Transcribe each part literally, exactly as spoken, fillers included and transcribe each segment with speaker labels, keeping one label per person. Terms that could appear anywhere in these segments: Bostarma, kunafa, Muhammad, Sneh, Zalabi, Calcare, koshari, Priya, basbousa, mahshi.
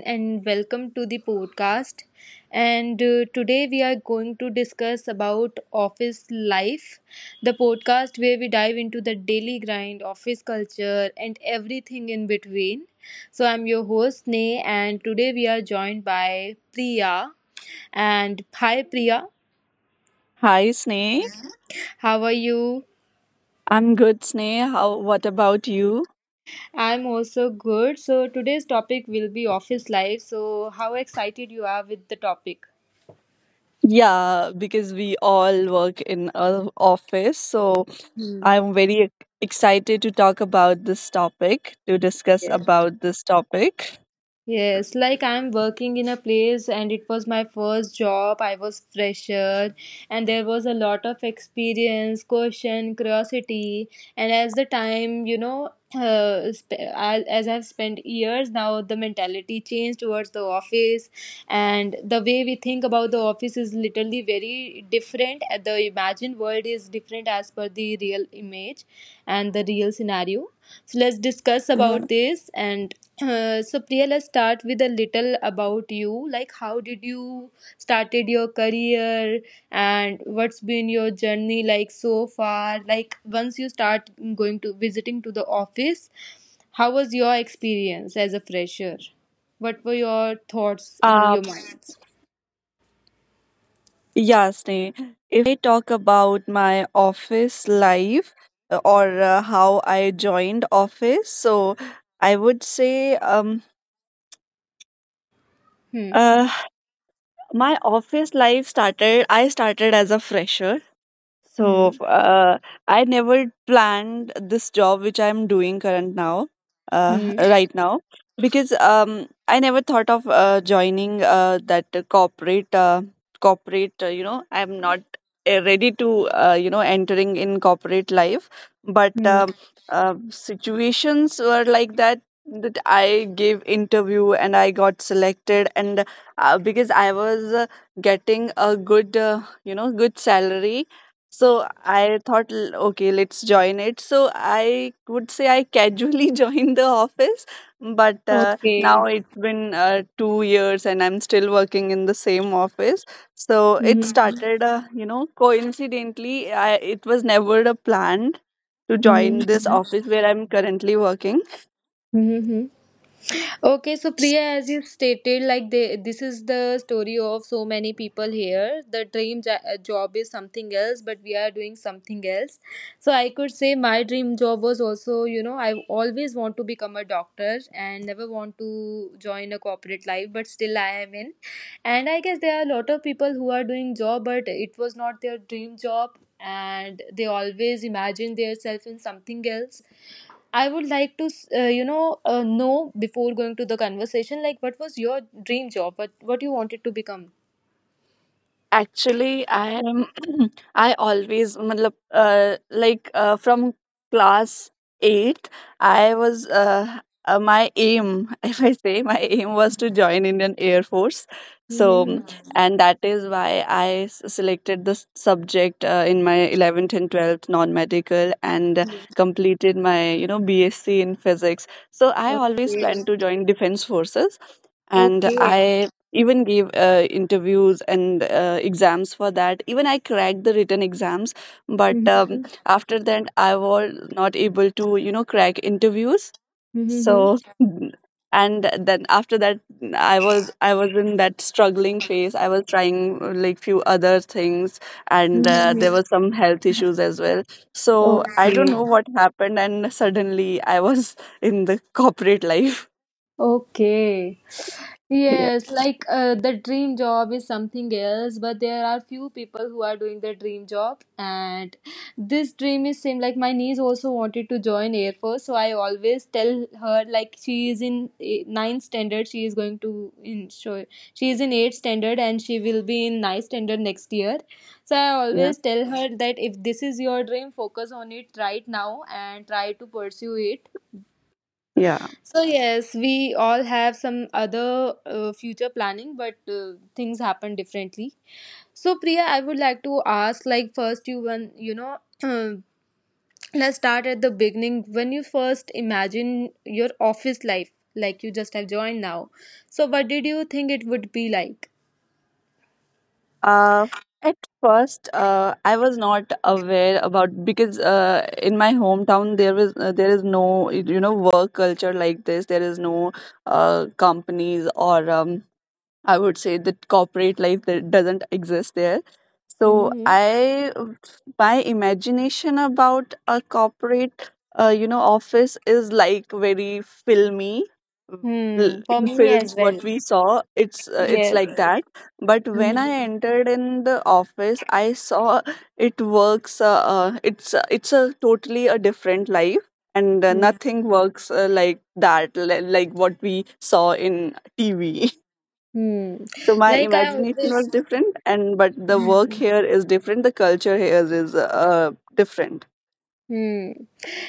Speaker 1: and welcome to the podcast. And uh, today we are going to discuss about office life, the podcast where we dive into the daily grind, office culture, and everything in between. So I'm your host Sneh, and today we are joined by Priya. And hi, Priya,
Speaker 2: Hi, Sneh.
Speaker 1: how are you?
Speaker 2: I'm good, Sneh. How, what about you?
Speaker 1: I'm also good. So today's topic will be office life. So how excited you are with the topic?
Speaker 2: Yeah, because we all work in a office, so
Speaker 1: Hmm.
Speaker 2: I'm very ex- excited to talk about this topic, to discuss
Speaker 1: Yes.
Speaker 2: about this topic.
Speaker 1: Yes, like I'm working in a place and it was my first job. I was fresher and there was a lot of experience, caution, curiosity. And as the time, you know, uh, sp- I- as I've spent years now, the mentality changed towards the office, and the way we think about the office is literally very different. Uh, The imagined world is different as per the real image and the real scenario. So let's discuss
Speaker 2: Yeah.
Speaker 1: about this, and uh, so Priya, let's start with a little about you. Like, how did you started your career, and what's been your journey like so far? Like, once you start going to visiting to the office, how was your experience as a fresher? What were your thoughts in
Speaker 2: Uh,
Speaker 1: your minds?
Speaker 2: yeah, Sneh. If talk about my office life uh, or uh, how I joined office, so I would say um
Speaker 1: Hmm.
Speaker 2: uh my office life started I started as a fresher. So
Speaker 1: Hmm.
Speaker 2: uh, I never planned this job which I'm doing current now, uh,
Speaker 1: Hmm.
Speaker 2: right now, because um, I never thought of uh, joining uh, that corporate uh, corporate. Uh, you know, I'm not uh, ready to uh, you know entering in corporate life, but
Speaker 1: Hmm.
Speaker 2: um, uh, situations were like that that I gave interview and I got selected, and uh, because I was uh, getting a good uh, you know good salary, so I thought, l- okay, let's join it. So I would say I casually joined the office, but uh,
Speaker 1: Okay.
Speaker 2: now it's been uh, two years and I'm still working in the same office. So it
Speaker 1: Hmm.
Speaker 2: started, uh, you know, coincidentally, I, it was never a plan to
Speaker 1: Hmm.
Speaker 2: join this office where I'm currently working.
Speaker 1: Hmm. Hmm. Okay, so Priya, as you stated, like they, this is the story of so many people here. The dream jo- uh, job is something else, but we are doing something else. So I could say my dream job was also, you know, I always want to become a doctor and never want to join a corporate life, but still I am in. And I guess there are a lot of people who are doing job, but it was not their dream job, and they always imagine themselves in something else. I would like to, s- uh, you know, uh, know before going to the conversation, like, what was your dream job? What what you wanted to become?
Speaker 2: Actually, I am. I always, matlab, uh, like uh, from class eight, I was. Uh, uh, my aim, if I say, my aim was to join Indian Air Force. So, mm,
Speaker 1: Mm-hmm.
Speaker 2: and that is why I s- selected this subject uh, in my eleventh and twelfth non-medical and completed my, you know, BSc in physics. So I always
Speaker 1: Okay.
Speaker 2: planned to join Defense Forces, and
Speaker 1: Okay.
Speaker 2: I even gave uh, interviews and uh, exams for that. Even I cracked the written exams, but um,
Speaker 1: Mm-hmm.
Speaker 2: after that I was not able to you know crack interviews,
Speaker 1: Mm-hmm.
Speaker 2: so and then after that i was i was in that struggling phase. I was trying uh, like few other things, and uh, there
Speaker 1: Mm-hmm.
Speaker 2: were some health issues as well, so I
Speaker 1: Okay.
Speaker 2: don't know what happened, and suddenly I was in the corporate life.
Speaker 1: Okay.
Speaker 2: Yeah,
Speaker 1: Yes, like uh, the dream job is something else, but there are few people who are doing the dream job, and this dream is same. Like, my niece also wanted to join Air Force, so I always tell her, like, she is in eh, ninth standard, she is going to in show she is in eighth standard, and she will be in ninth standard next year. So I
Speaker 2: yeah,
Speaker 1: always tell her that if this is your dream, focus on it right now and try to pursue it.
Speaker 2: yeah.
Speaker 1: So yes, we all have some other uh, future planning, but uh, things happen differently. So Priya, I would like to ask, like, first you when you know, let's start at the beginning. When you first imagine your office life, like, you just have joined now, so what did you think it would be like?
Speaker 2: Uh, at first, uh, I was not aware about, because uh, in my hometown there was uh, there is no you know work culture like this. There is no uh, companies or um, I would say that corporate life, that doesn't exist there. So
Speaker 1: Mm-hmm.
Speaker 2: I, my imagination about a corporate, uh, you know, office is like very filmy.
Speaker 1: Hmm.
Speaker 2: L-
Speaker 1: For
Speaker 2: In
Speaker 1: me
Speaker 2: films,
Speaker 1: as well.
Speaker 2: what we saw, it's uh, it's
Speaker 1: Yes.
Speaker 2: like that. But when I
Speaker 1: Mhm.
Speaker 2: entered in the office, I saw it works. Uh, uh, it's uh, it's a totally a different life, and uh, nothing works uh, like that, li- like what we saw in T V.
Speaker 1: Hmm.
Speaker 2: So my
Speaker 1: Like I
Speaker 2: imagination was
Speaker 1: always.
Speaker 2: different, and but the work
Speaker 1: Hmm.
Speaker 2: here is different, the culture here is uh, different.
Speaker 1: Hmm.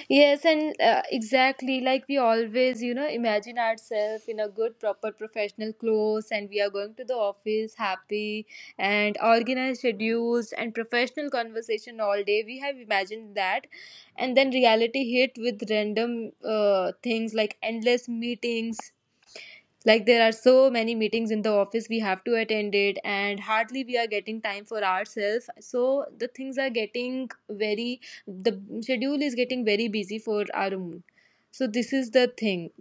Speaker 1: Yes, and uh, exactly, like we always, you know, imagine ourselves in a good, proper, professional clothes, and we are going to the office happy and organized, schedules, and professional conversation all day. We have imagined that, and then reality hit with random uh, things like endless meetings. Like, there are so many meetings in the office we have to attend it, and hardly we are getting time for ourselves. So the things are getting very, the schedule is getting very busy for our own. So this is the thing.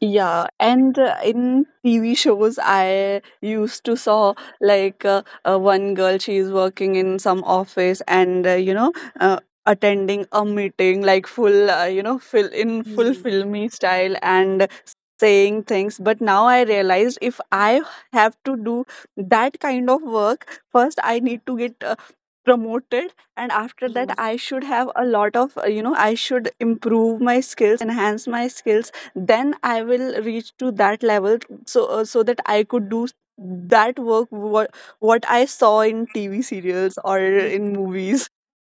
Speaker 2: Yeah, and uh, in T V shows, I used to saw like uh, uh, one girl. She is working in some office, and uh, you know, uh, attending a meeting like full, uh, you know, fill in full filmy style and saying things. But now I realized, if I have to do that kind of work, first I need to get. Uh, promoted, and after that I should have a lot of, uh, you know I should improve my skills, enhance my skills, then I will reach to that level. So uh, so that I could do that work, what what I saw in T V serials or in movies.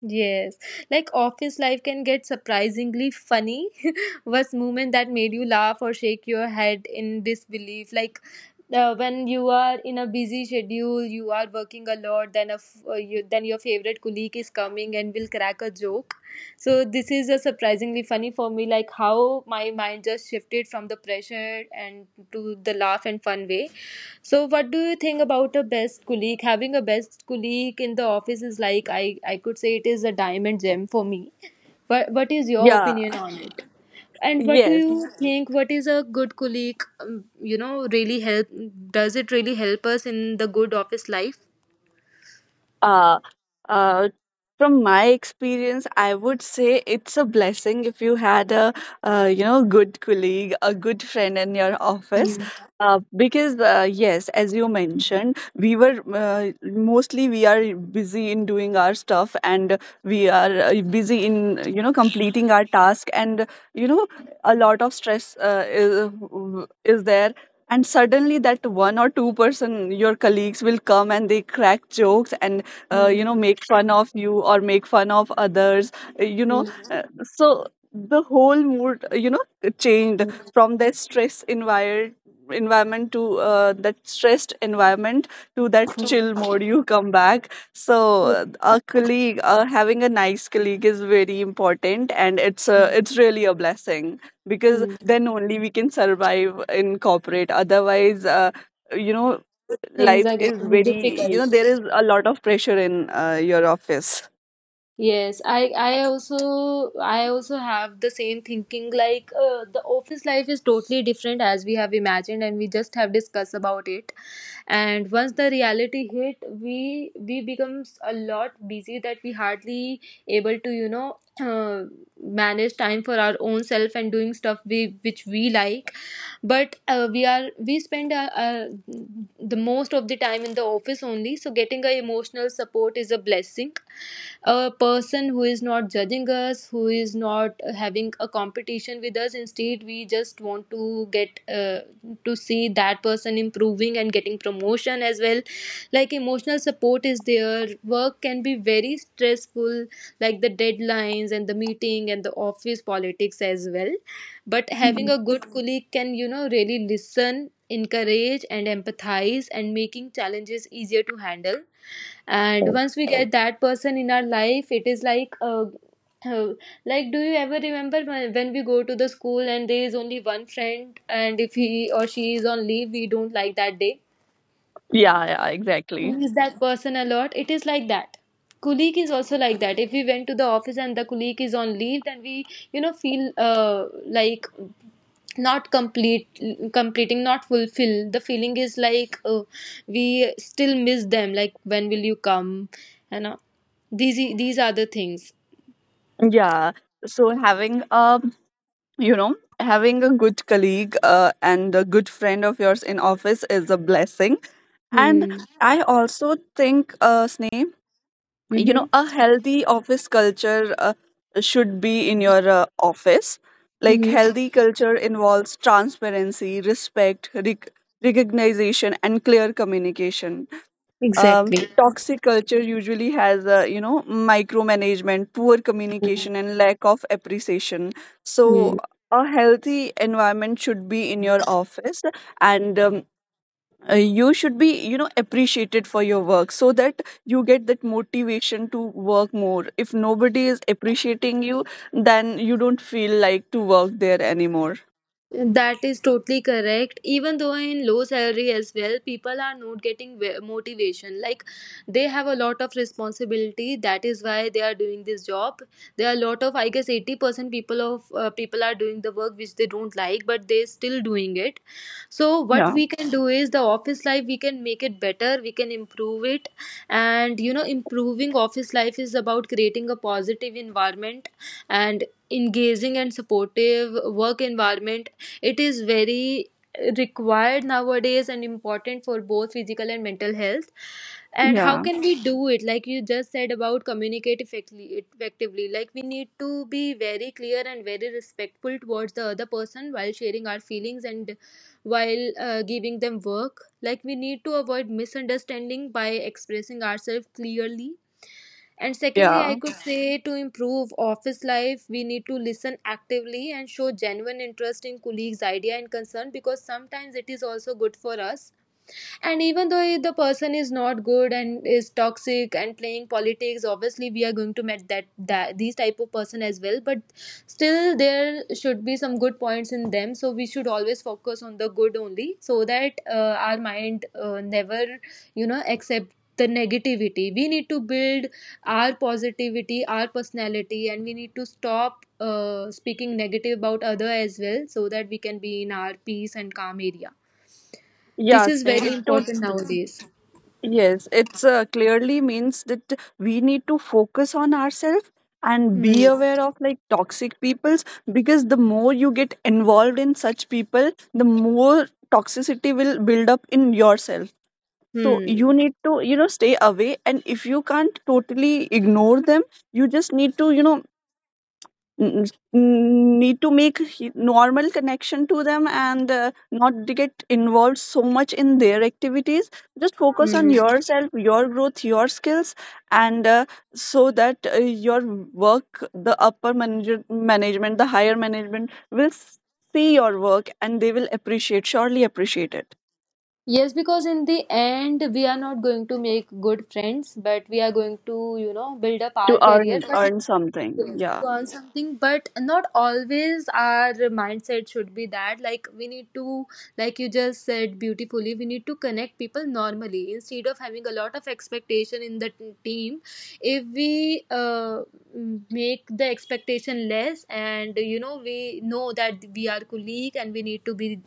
Speaker 1: Yes, like, office life can get surprisingly funny. Was moment that made you laugh or shake your head in disbelief? Like uh, when you are in a busy schedule, you are working a lot, then a f- uh, you, then your favorite colleague is coming and will crack a joke. So this is a surprisingly funny for me. Like, how my mind just shifted from the pressure and to the laugh and fun way. So, what do you think about a best colleague? Having a best colleague in the office is like, I I could say it is a diamond gem for me. What what is your
Speaker 2: Yeah,
Speaker 1: opinion on it? And what do
Speaker 2: yes.
Speaker 1: you think? What is a good colleague? Um, You know, really help. Does it really help us in the good office life?
Speaker 2: Uh, uh, from my experience, I would say it's a blessing if you had a, uh, you know, good colleague, a good friend in your office. Uh, because uh, yes, as you mentioned, we were uh, mostly we are busy in doing our stuff, and we are uh, busy in you know completing our task, and you know a lot of stress uh, is is there, and suddenly that one or two person, your colleagues will come and they crack jokes and uh, you know make fun of you or make fun of others, uh, you know uh, so the whole mood uh, you know changed from that stress environment environment to uh, that stressed environment, to that chill mode you come back. So
Speaker 1: Hmm.
Speaker 2: uh, a colleague uh, having a nice colleague is very important, and it's a, it's really a blessing, because then only we can survive in corporate. Otherwise uh, you know
Speaker 1: Things
Speaker 2: life
Speaker 1: are
Speaker 2: is
Speaker 1: getting
Speaker 2: very,
Speaker 1: difficult.
Speaker 2: you know there is a lot of pressure in uh, your office.
Speaker 1: Yes, I I also I also have the same thinking, like uh, the office life is totally different as we have imagined, and we just have discussed about it. And once the reality hit, we we becomes a lot busy, that we hardly able to you know uh, manage time for our own self, and doing stuff we which we like, but uh, we are we spend uh, uh, the most of the time in the office only. So getting a emotional support is a blessing. A person who is not judging us, who is not having a competition with us, instead we just want to get uh, to see that person improving and getting promotion as well. Like, emotional support is there. Work can be very stressful, like the deadlines and the meeting and the office politics as well, but having a good colleague can you know really listen, encourage, and empathize, and making challenges easier to handle. And once we get that person in our life, it is like uh, uh, like, do you ever remember when when we go to the school, and there is only one friend, and if he or she is on leave, we don't like that day,
Speaker 2: Yeah, yeah,
Speaker 1: we
Speaker 2: exactly,
Speaker 1: miss that person a lot. It is like that colleague is also like that. If we went to the office and the colleague is on leave, then we you know feel uh, like not complete completing not fulfill. The feeling is like uh, we still miss them, like, when will you come. And uh, these these are the things.
Speaker 2: yeah. So having a you know having a good colleague uh, and a good friend of yours in office is a blessing. And
Speaker 1: Hmm.
Speaker 2: I also think uh Sneh, you know
Speaker 1: Mm-hmm.
Speaker 2: a healthy office culture uh, should be in your uh, office. Like,
Speaker 1: Mm-hmm.
Speaker 2: healthy culture involves transparency, respect, rec- recognition and clear communication. Um,
Speaker 1: Exactly.
Speaker 2: toxic culture usually has a, you know micromanagement, poor communication and lack of appreciation. So
Speaker 1: Hmm.
Speaker 2: a healthy environment should be in your office, and um, uh, you should be, you know appreciated for your work, so that you get that motivation to work more. If nobody is appreciating you, then you don't feel like to work there anymore.
Speaker 1: That is totally correct. Even though in low salary as well, people are not getting ve- motivation. Like, they have a lot of responsibility. That is why they are doing this job. There are a lot of, I guess, eighty percent people of uh, people are doing the work which they don't like, but they still doing it. So what
Speaker 2: Yeah.
Speaker 1: we can do is the office life. We can make it better. We can improve it, and you know, improving office life is about creating a positive environment, and engaging and supportive work environment. It is very required nowadays and important for both physical and mental health. And how
Speaker 2: Yeah,
Speaker 1: can we do it? Like you just said about communicate effectively effectively Like, we need to be very clear and very respectful towards the other person while sharing our feelings, and while uh, giving them work, like, we need to avoid misunderstanding by expressing ourselves clearly. And secondly,
Speaker 2: yeah,
Speaker 1: I could say, to improve office life, we need to listen actively and show genuine interest in colleagues' idea and concern, because sometimes it is also good for us. And even though if the person is not good and is toxic and playing politics, obviously we are going to meet that, that these type of person as well, but still there should be some good points in them. So we should always focus on the good only, so that uh, our mind uh, never you know accept the negativity. We need to build our positivity, our personality, and we need to stop uh, speaking negative about other as well, so that we can be in our peace and calm area. This
Speaker 2: yeah,
Speaker 1: is
Speaker 2: Sneh.
Speaker 1: very
Speaker 2: It to
Speaker 1: important nowadays.
Speaker 2: yes, it's uh, clearly means that we need to focus on ourselves and be
Speaker 1: Hmm.
Speaker 2: aware of like toxic peoples, because the more you get involved in such people, the more toxicity will build up in yourself. So
Speaker 1: Hmm.
Speaker 2: you need to, you know, stay away. And if you can't totally ignore them, you just need to, you know, n- n- need to make he- normal connection to them, and uh, not to get involved so much in their activities. Just focus on
Speaker 1: Hmm.
Speaker 2: yourself, your growth, your skills, and uh, so that uh, your work, the upper manager, management, the higher management will s- see your work, and they will appreciate, surely appreciate it
Speaker 1: Yes, because in the end, we are not going to make good friends, but we are going to, you know, build up
Speaker 2: to
Speaker 1: our career.
Speaker 2: earn
Speaker 1: But
Speaker 2: earn something. Yeah.
Speaker 1: learn something. But not always our mindset should be that, like we need to like you just said beautifully, we need to connect people normally instead of having a lot of expectation in the t- team. If we uh, m- make the expectation less, and you know we know that we are colleague, and we need to be,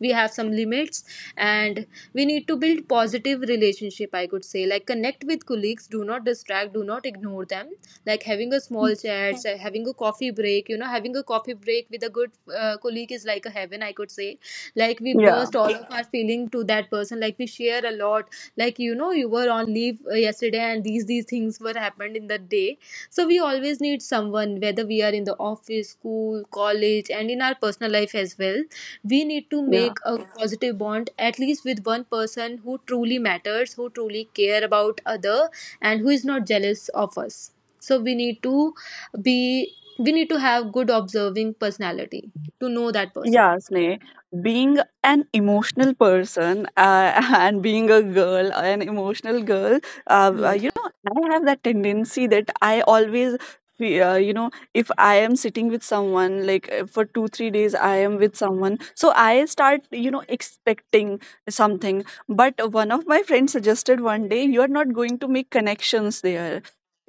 Speaker 1: we have some limits, and we need to build positive relationship. I could say, like, connect with colleagues, do not distract, do not ignore them, like, having a small chat, so having a coffee break. You know, having a coffee break with a good uh, colleague is like a heaven, I could say. Like, we
Speaker 2: Yeah,
Speaker 1: burst all of our feeling to that person. Like, we share a lot. Like, you know, you were on leave uh, yesterday, and these these things were happened in the day. So we always need someone, whether we are in the office, school, college, and in our personal life as well. We need to
Speaker 2: yeah.
Speaker 1: make a positive bond at least with one person who truly matters, who truly care about other, and who is not jealous of us. So we need to be we need to have good observing personality to know that person,
Speaker 2: Yeah, Sneh, being an emotional person uh, and being a girl, an emotional girl, uh, uh, you
Speaker 1: yes.
Speaker 2: know, I have that tendency that I always, fe- uh, you know, if I am sitting with someone, like uh, for two, three days, I am with someone. So I start, you know, expecting something. But one of my friends suggested one day, you are not going to make connections there.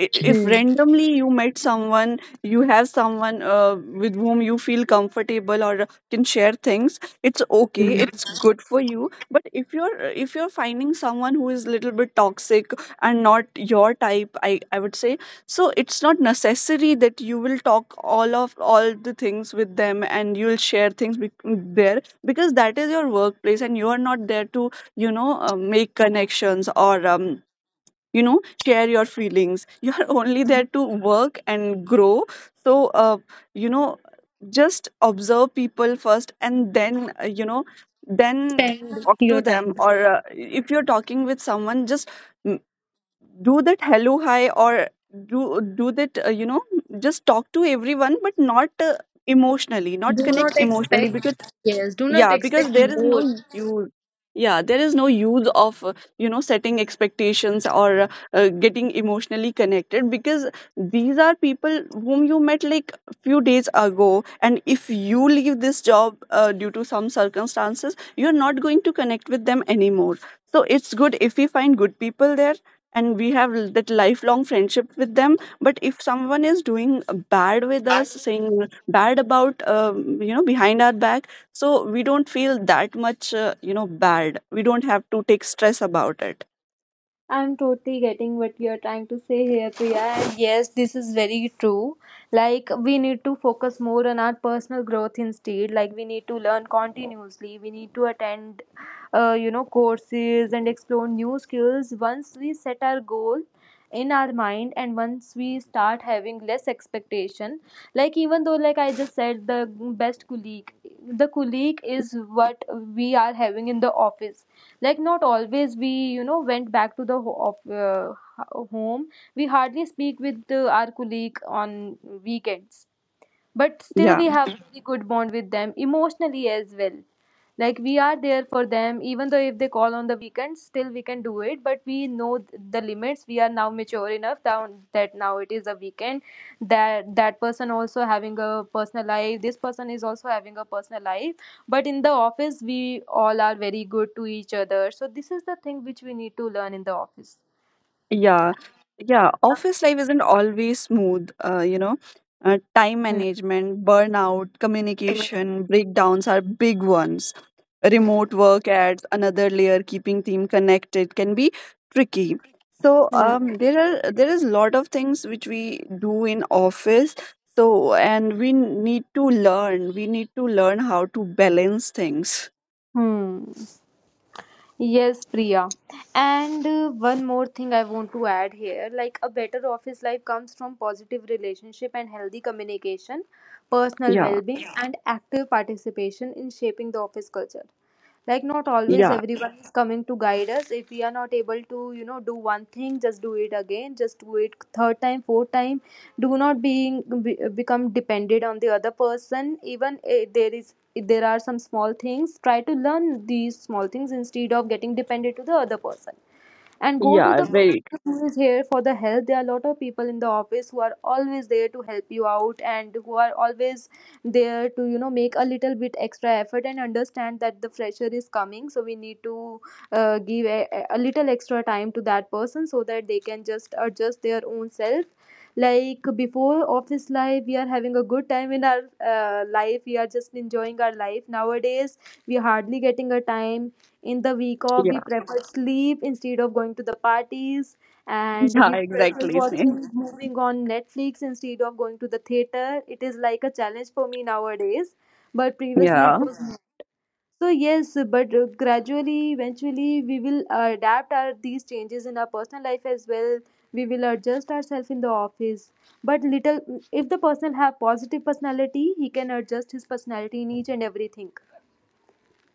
Speaker 2: I- If
Speaker 3: Hmm.
Speaker 2: randomly you met someone, you have someone uh, with whom you feel comfortable or can share things, it's okay,
Speaker 3: Hmm.
Speaker 2: it's good for you. But if you're, if you're finding someone who is a little bit toxic and not your type, I I would say, so it's not necessary that you will talk all of all the things with them and you'll share things, bec- there because that is your workplace, and you are not there to, you know uh, make connections or, um, you know share your feelings. You are only there to work and grow. So uh, you know just observe people first, and then uh, you know then
Speaker 3: Spend
Speaker 2: talk to
Speaker 3: your
Speaker 2: them,
Speaker 3: time.
Speaker 2: or uh, if you're talking with someone, just mm, do that hello, hi, or do do that, uh, you know just talk to everyone, but not uh, emotionally, not
Speaker 3: Do
Speaker 2: connect
Speaker 3: not
Speaker 2: emotionally, because
Speaker 3: expect, yes, do not
Speaker 2: yeah, because
Speaker 3: expect
Speaker 2: there is
Speaker 3: more.
Speaker 2: no use. Yeah, there is no use of, uh, you know, setting expectations or uh, uh, getting emotionally connected, because these are people whom you met like few days ago. And if you leave this job uh, due to some circumstances, you're not going to connect with them anymore. So it's good if we find good people there and we have l- that lifelong friendship with them. But if someone is doing bad with us, saying bad about, um, you know, behind our back, so we don't feel that much uh, you know bad, we don't have to take stress about it.
Speaker 3: I'm totally getting what you're trying to say here, Priya. And yes, this is very true. Like, we need to focus more on our personal growth instead. Like, we need to learn continuously. We need to attend, uh, you know, courses and explore new skills. Once we set our goal in our mind and once we start having less expectation, like, even though, like I just said, the best colleague, the colleague is what we are having in the office, like not always we, you know went back to the ho- of, uh, ho- home. We hardly speak with uh, our colleague on weekends, but still
Speaker 2: Yeah.
Speaker 3: we have very good bond with them emotionally as well. Like, we are there for them. Even though if they call on the weekends, still we can do it, but we know th- the limits. We are now mature enough down that now it is a weekend, that that person also having a personal life, this person is also having a personal life, but in the office we all are very good to each other. So this is the thing which we need to learn in the office.
Speaker 2: Yeah, yeah. Office life isn't always smooth, uh, you know. Uh, Time
Speaker 3: Hmm.
Speaker 2: management, burnout, communication breakdowns are big ones. Remote work adds another layer. Keeping team connected can be tricky. So
Speaker 3: Hmm.
Speaker 2: um, there are, there is a lot of things which we do in office. So, and we need to learn. We need to learn how to balance things.
Speaker 3: Hmm. Yes, Priya. And uh, one more thing I want to add here, like a better office life comes from positive relationship and healthy communication, personal
Speaker 2: Yeah,
Speaker 3: well being, and active participation in shaping the office culture. Like not always
Speaker 2: yeah,
Speaker 3: everyone is coming to guide us. If we are not able to, you know do one thing, just do it again, just do it third time, fourth time. Do not being be, become dependent on the other person. Even if there is, if there are some small things, try to learn these small things instead of getting dependent to the other person and go to
Speaker 2: yeah.
Speaker 3: the, yeah,
Speaker 2: Very
Speaker 3: person who is here for the help. There are a lot of people in the office who are always there to help you out and who are always there to, you know make a little bit extra effort and understand that the fresher is coming, so we need to uh, give a, a little extra time to that person so that they can just adjust their own self. Like before office life, we are having a good time in our uh, life, we are just enjoying our life. Nowadays we are hardly getting a time in the week off. We
Speaker 2: yeah,
Speaker 3: prefer sleep instead of going to the parties, and
Speaker 2: yeah.
Speaker 3: we prefer
Speaker 2: Exactly, Sneh.
Speaker 3: watching moving on Netflix instead of going to the theater. It is like a challenge for me nowadays, but previously it
Speaker 2: Yeah.
Speaker 3: was not. So yes, but uh, gradually, eventually we will adapt our these changes in our personal life as well. We will adjust ourselves in the office, but little, if the person have positive personality, he can adjust his personality in each and everything,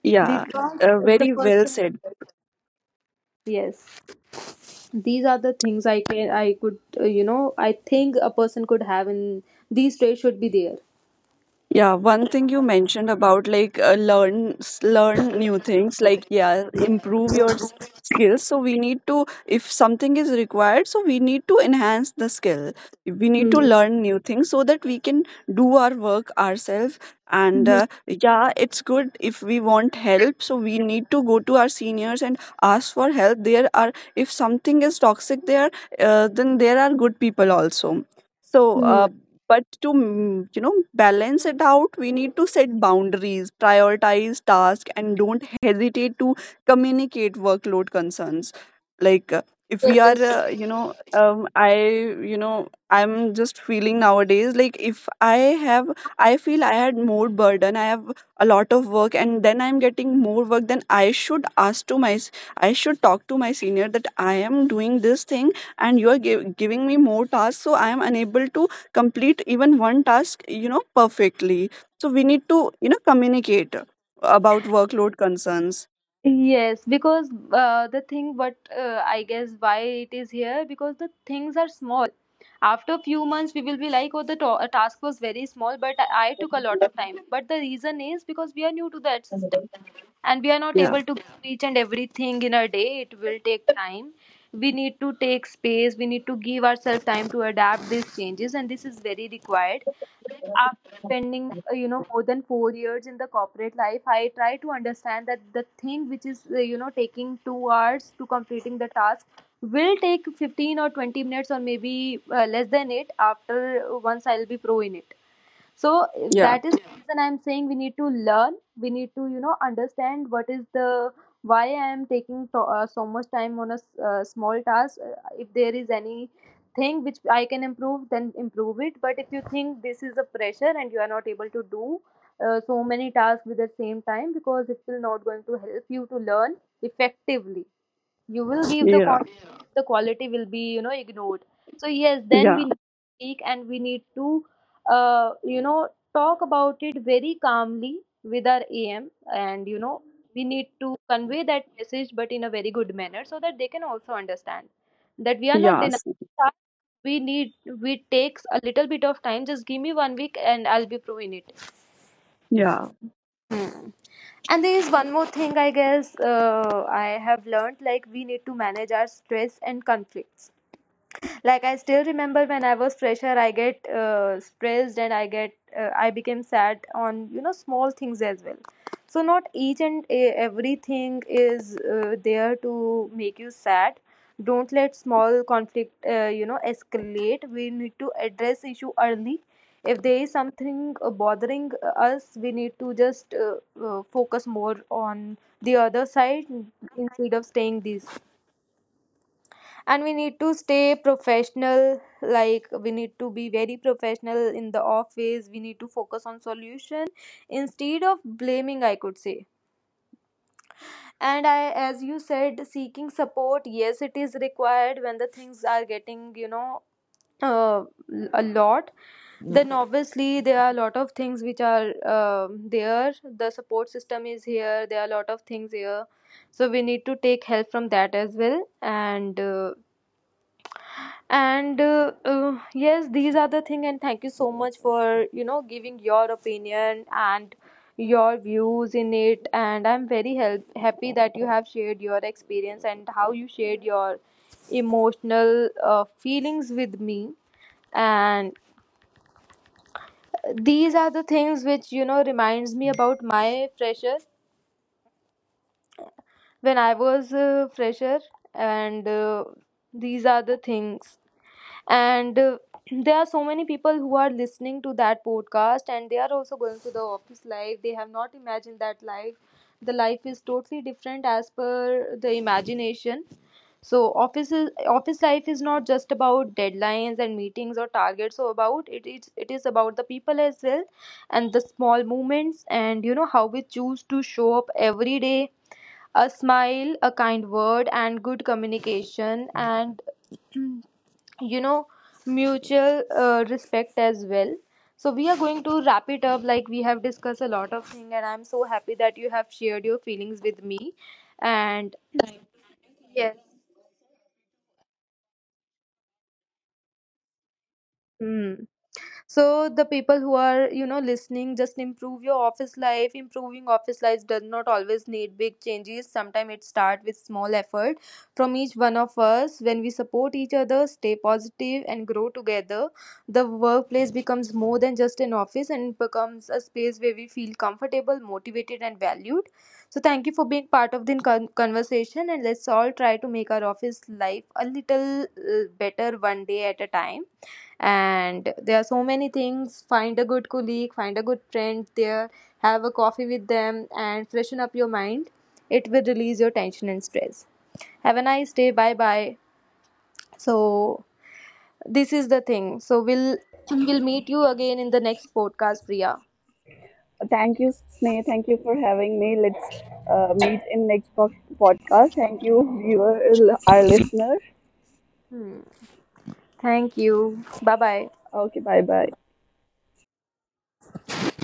Speaker 2: Yeah,
Speaker 3: because
Speaker 2: uh,
Speaker 3: the
Speaker 2: very well
Speaker 3: person,
Speaker 2: said.
Speaker 3: yes, these are the things I can I could uh, you know I think a person could have, and these traits should be there.
Speaker 2: Yeah, one thing you mentioned about, like uh, learn s- learn new things, like, yeah, improve your s- skills. So we need to, if something is required, so we need to enhance the skill. We need to
Speaker 3: Mhm.
Speaker 2: learn new things so that we can do our work ourselves. And
Speaker 3: Mhm.
Speaker 2: uh, yeah, it's good if we want help. So we need to go to our seniors and ask for help. There are, if something is toxic there, uh, then there are good people also. So,
Speaker 3: Mhm.
Speaker 2: uh, but to mm, you know balance it out, we need to set boundaries, prioritize tasks, and don't hesitate to communicate workload concerns. Like uh, if we are
Speaker 3: Yes,
Speaker 2: uh, you know um, I you know I'm just feeling nowadays, like if I have, I feel I had more burden, I have a lot of work, and then I'm getting more work, then I should ask to my. I should talk to my senior that I am doing this thing and you are giv giving me more tasks, so I am unable to complete even one task, you know perfectly. So we need to, you know communicate about workload concerns.
Speaker 3: Yes, because uh, the thing, but uh, I guess why it is here, because the things are small. After a few months, we will be like, oh, the to- task was very small, but I I took a lot of time. But the reason is because we are new to that system and we are not
Speaker 2: Yeah,
Speaker 3: able to give each and everything in a day. It will take time. We need to take space. We need to give ourselves time to adapt these changes, and this is very required. Like after
Speaker 2: yeah,
Speaker 3: spending, uh, you know more than four years in the corporate life, I try to understand that the thing which is, uh, you know taking two hours to completing the task will take fifteen or twenty minutes, or maybe uh, less than it after, uh, once I'll be pro in it. So eh,
Speaker 2: yeah,
Speaker 3: that is the reason I'm saying we need to learn, we need to, you know understand what is the, why I am taking to, uh, so much time on a s- uh, small task. Uh, if there is any thing which I can improve, then improve it. But if you think this is a pressure and you are not able to do uh, so many tasks with the same time, because it will not going to help you to learn effectively, you will give the
Speaker 2: yeah,
Speaker 3: con the quality will be, you know ignored. So yes, then
Speaker 2: yeah,
Speaker 3: we need to speak, and we need to, uh, you know talk about it very calmly with our AM, and you know we need to convey that message, but in a very good manner, so that they can also understand that we are not
Speaker 2: yes,
Speaker 3: denying, that we need, we takes a little bit of time. Just give me one week, and I'll be proving it.
Speaker 2: yeah.
Speaker 3: Hmm. And there is one more thing, I guess, uh, I have learned, like we need to manage our stress and conflicts. Like I still remember when I was fresher, I get uh, stressed, and I get uh, I became sad on, you know small things as well. So not each and e- everything is uh, there to make you sad. Don't let small conflict, uh, you know escalate. We need to address issue early. If there is something uh, bothering us, we need to just uh, uh, focus more on the other side instead of staying this, and we need to stay professional. Like we need to be very professional in the office. We need to focus on solution instead of blaming, I could say. And I, as you said, seeking support, yes, it is required. When the things are getting, you know uh, a lot, then obviously there are a lot of things which are, um there the support system is here, there are a lot of things here, so we need to take help from that as well. And uh, and uh, uh, yes, these are the thing, and thank you so much for, you know giving your opinion and your views in it. And I'm very help- happy that you have shared your experience and how you shared your emotional uh, feelings with me. And these are the things which, you know reminds me about my fresher, when I was a fresher. And uh, these are the things. And uh, there are so many people who are listening to that podcast, and they are also going to the office life. They have not imagined that life. The life is totally different as per the imagination. So office is, office life is not just about deadlines and meetings or targets. So about it, it's, it is about the people as well, and the small moments, and you know how we choose to show up every day. A smile, a kind word, and good communication, and you know mutual uh, respect as well. So we are going to wrap it up, like we have discussed a lot of things, and I'm so happy that you have shared your feelings with me. And yes. Hmm. So the people who are, you know listening, just improve your office life. Improving office life does not always need big changes. Sometimes it starts with small effort from each one of us. When we support each other, stay positive, and grow together, the workplace becomes more than just an office, and it becomes a space where we feel comfortable, motivated, and valued. So thank you for being part of the con- conversation, and let's all try to make our office life a little uh, better, one day at a time. And there are so many things. Find a good colleague, find a good friend, there have a coffee with them and freshen up your mind. It will release your tension and stress. Have a nice day. Bye bye. So this is the thing. So we'll we'll meet you again in the next podcast, Priya.
Speaker 2: Thank you, Sneh. Thank you for having me. Let's uh, meet in next po- podcast. Thank you, viewer, our listener.
Speaker 3: Hmm. Thank you. Bye bye.
Speaker 2: Okay, bye bye.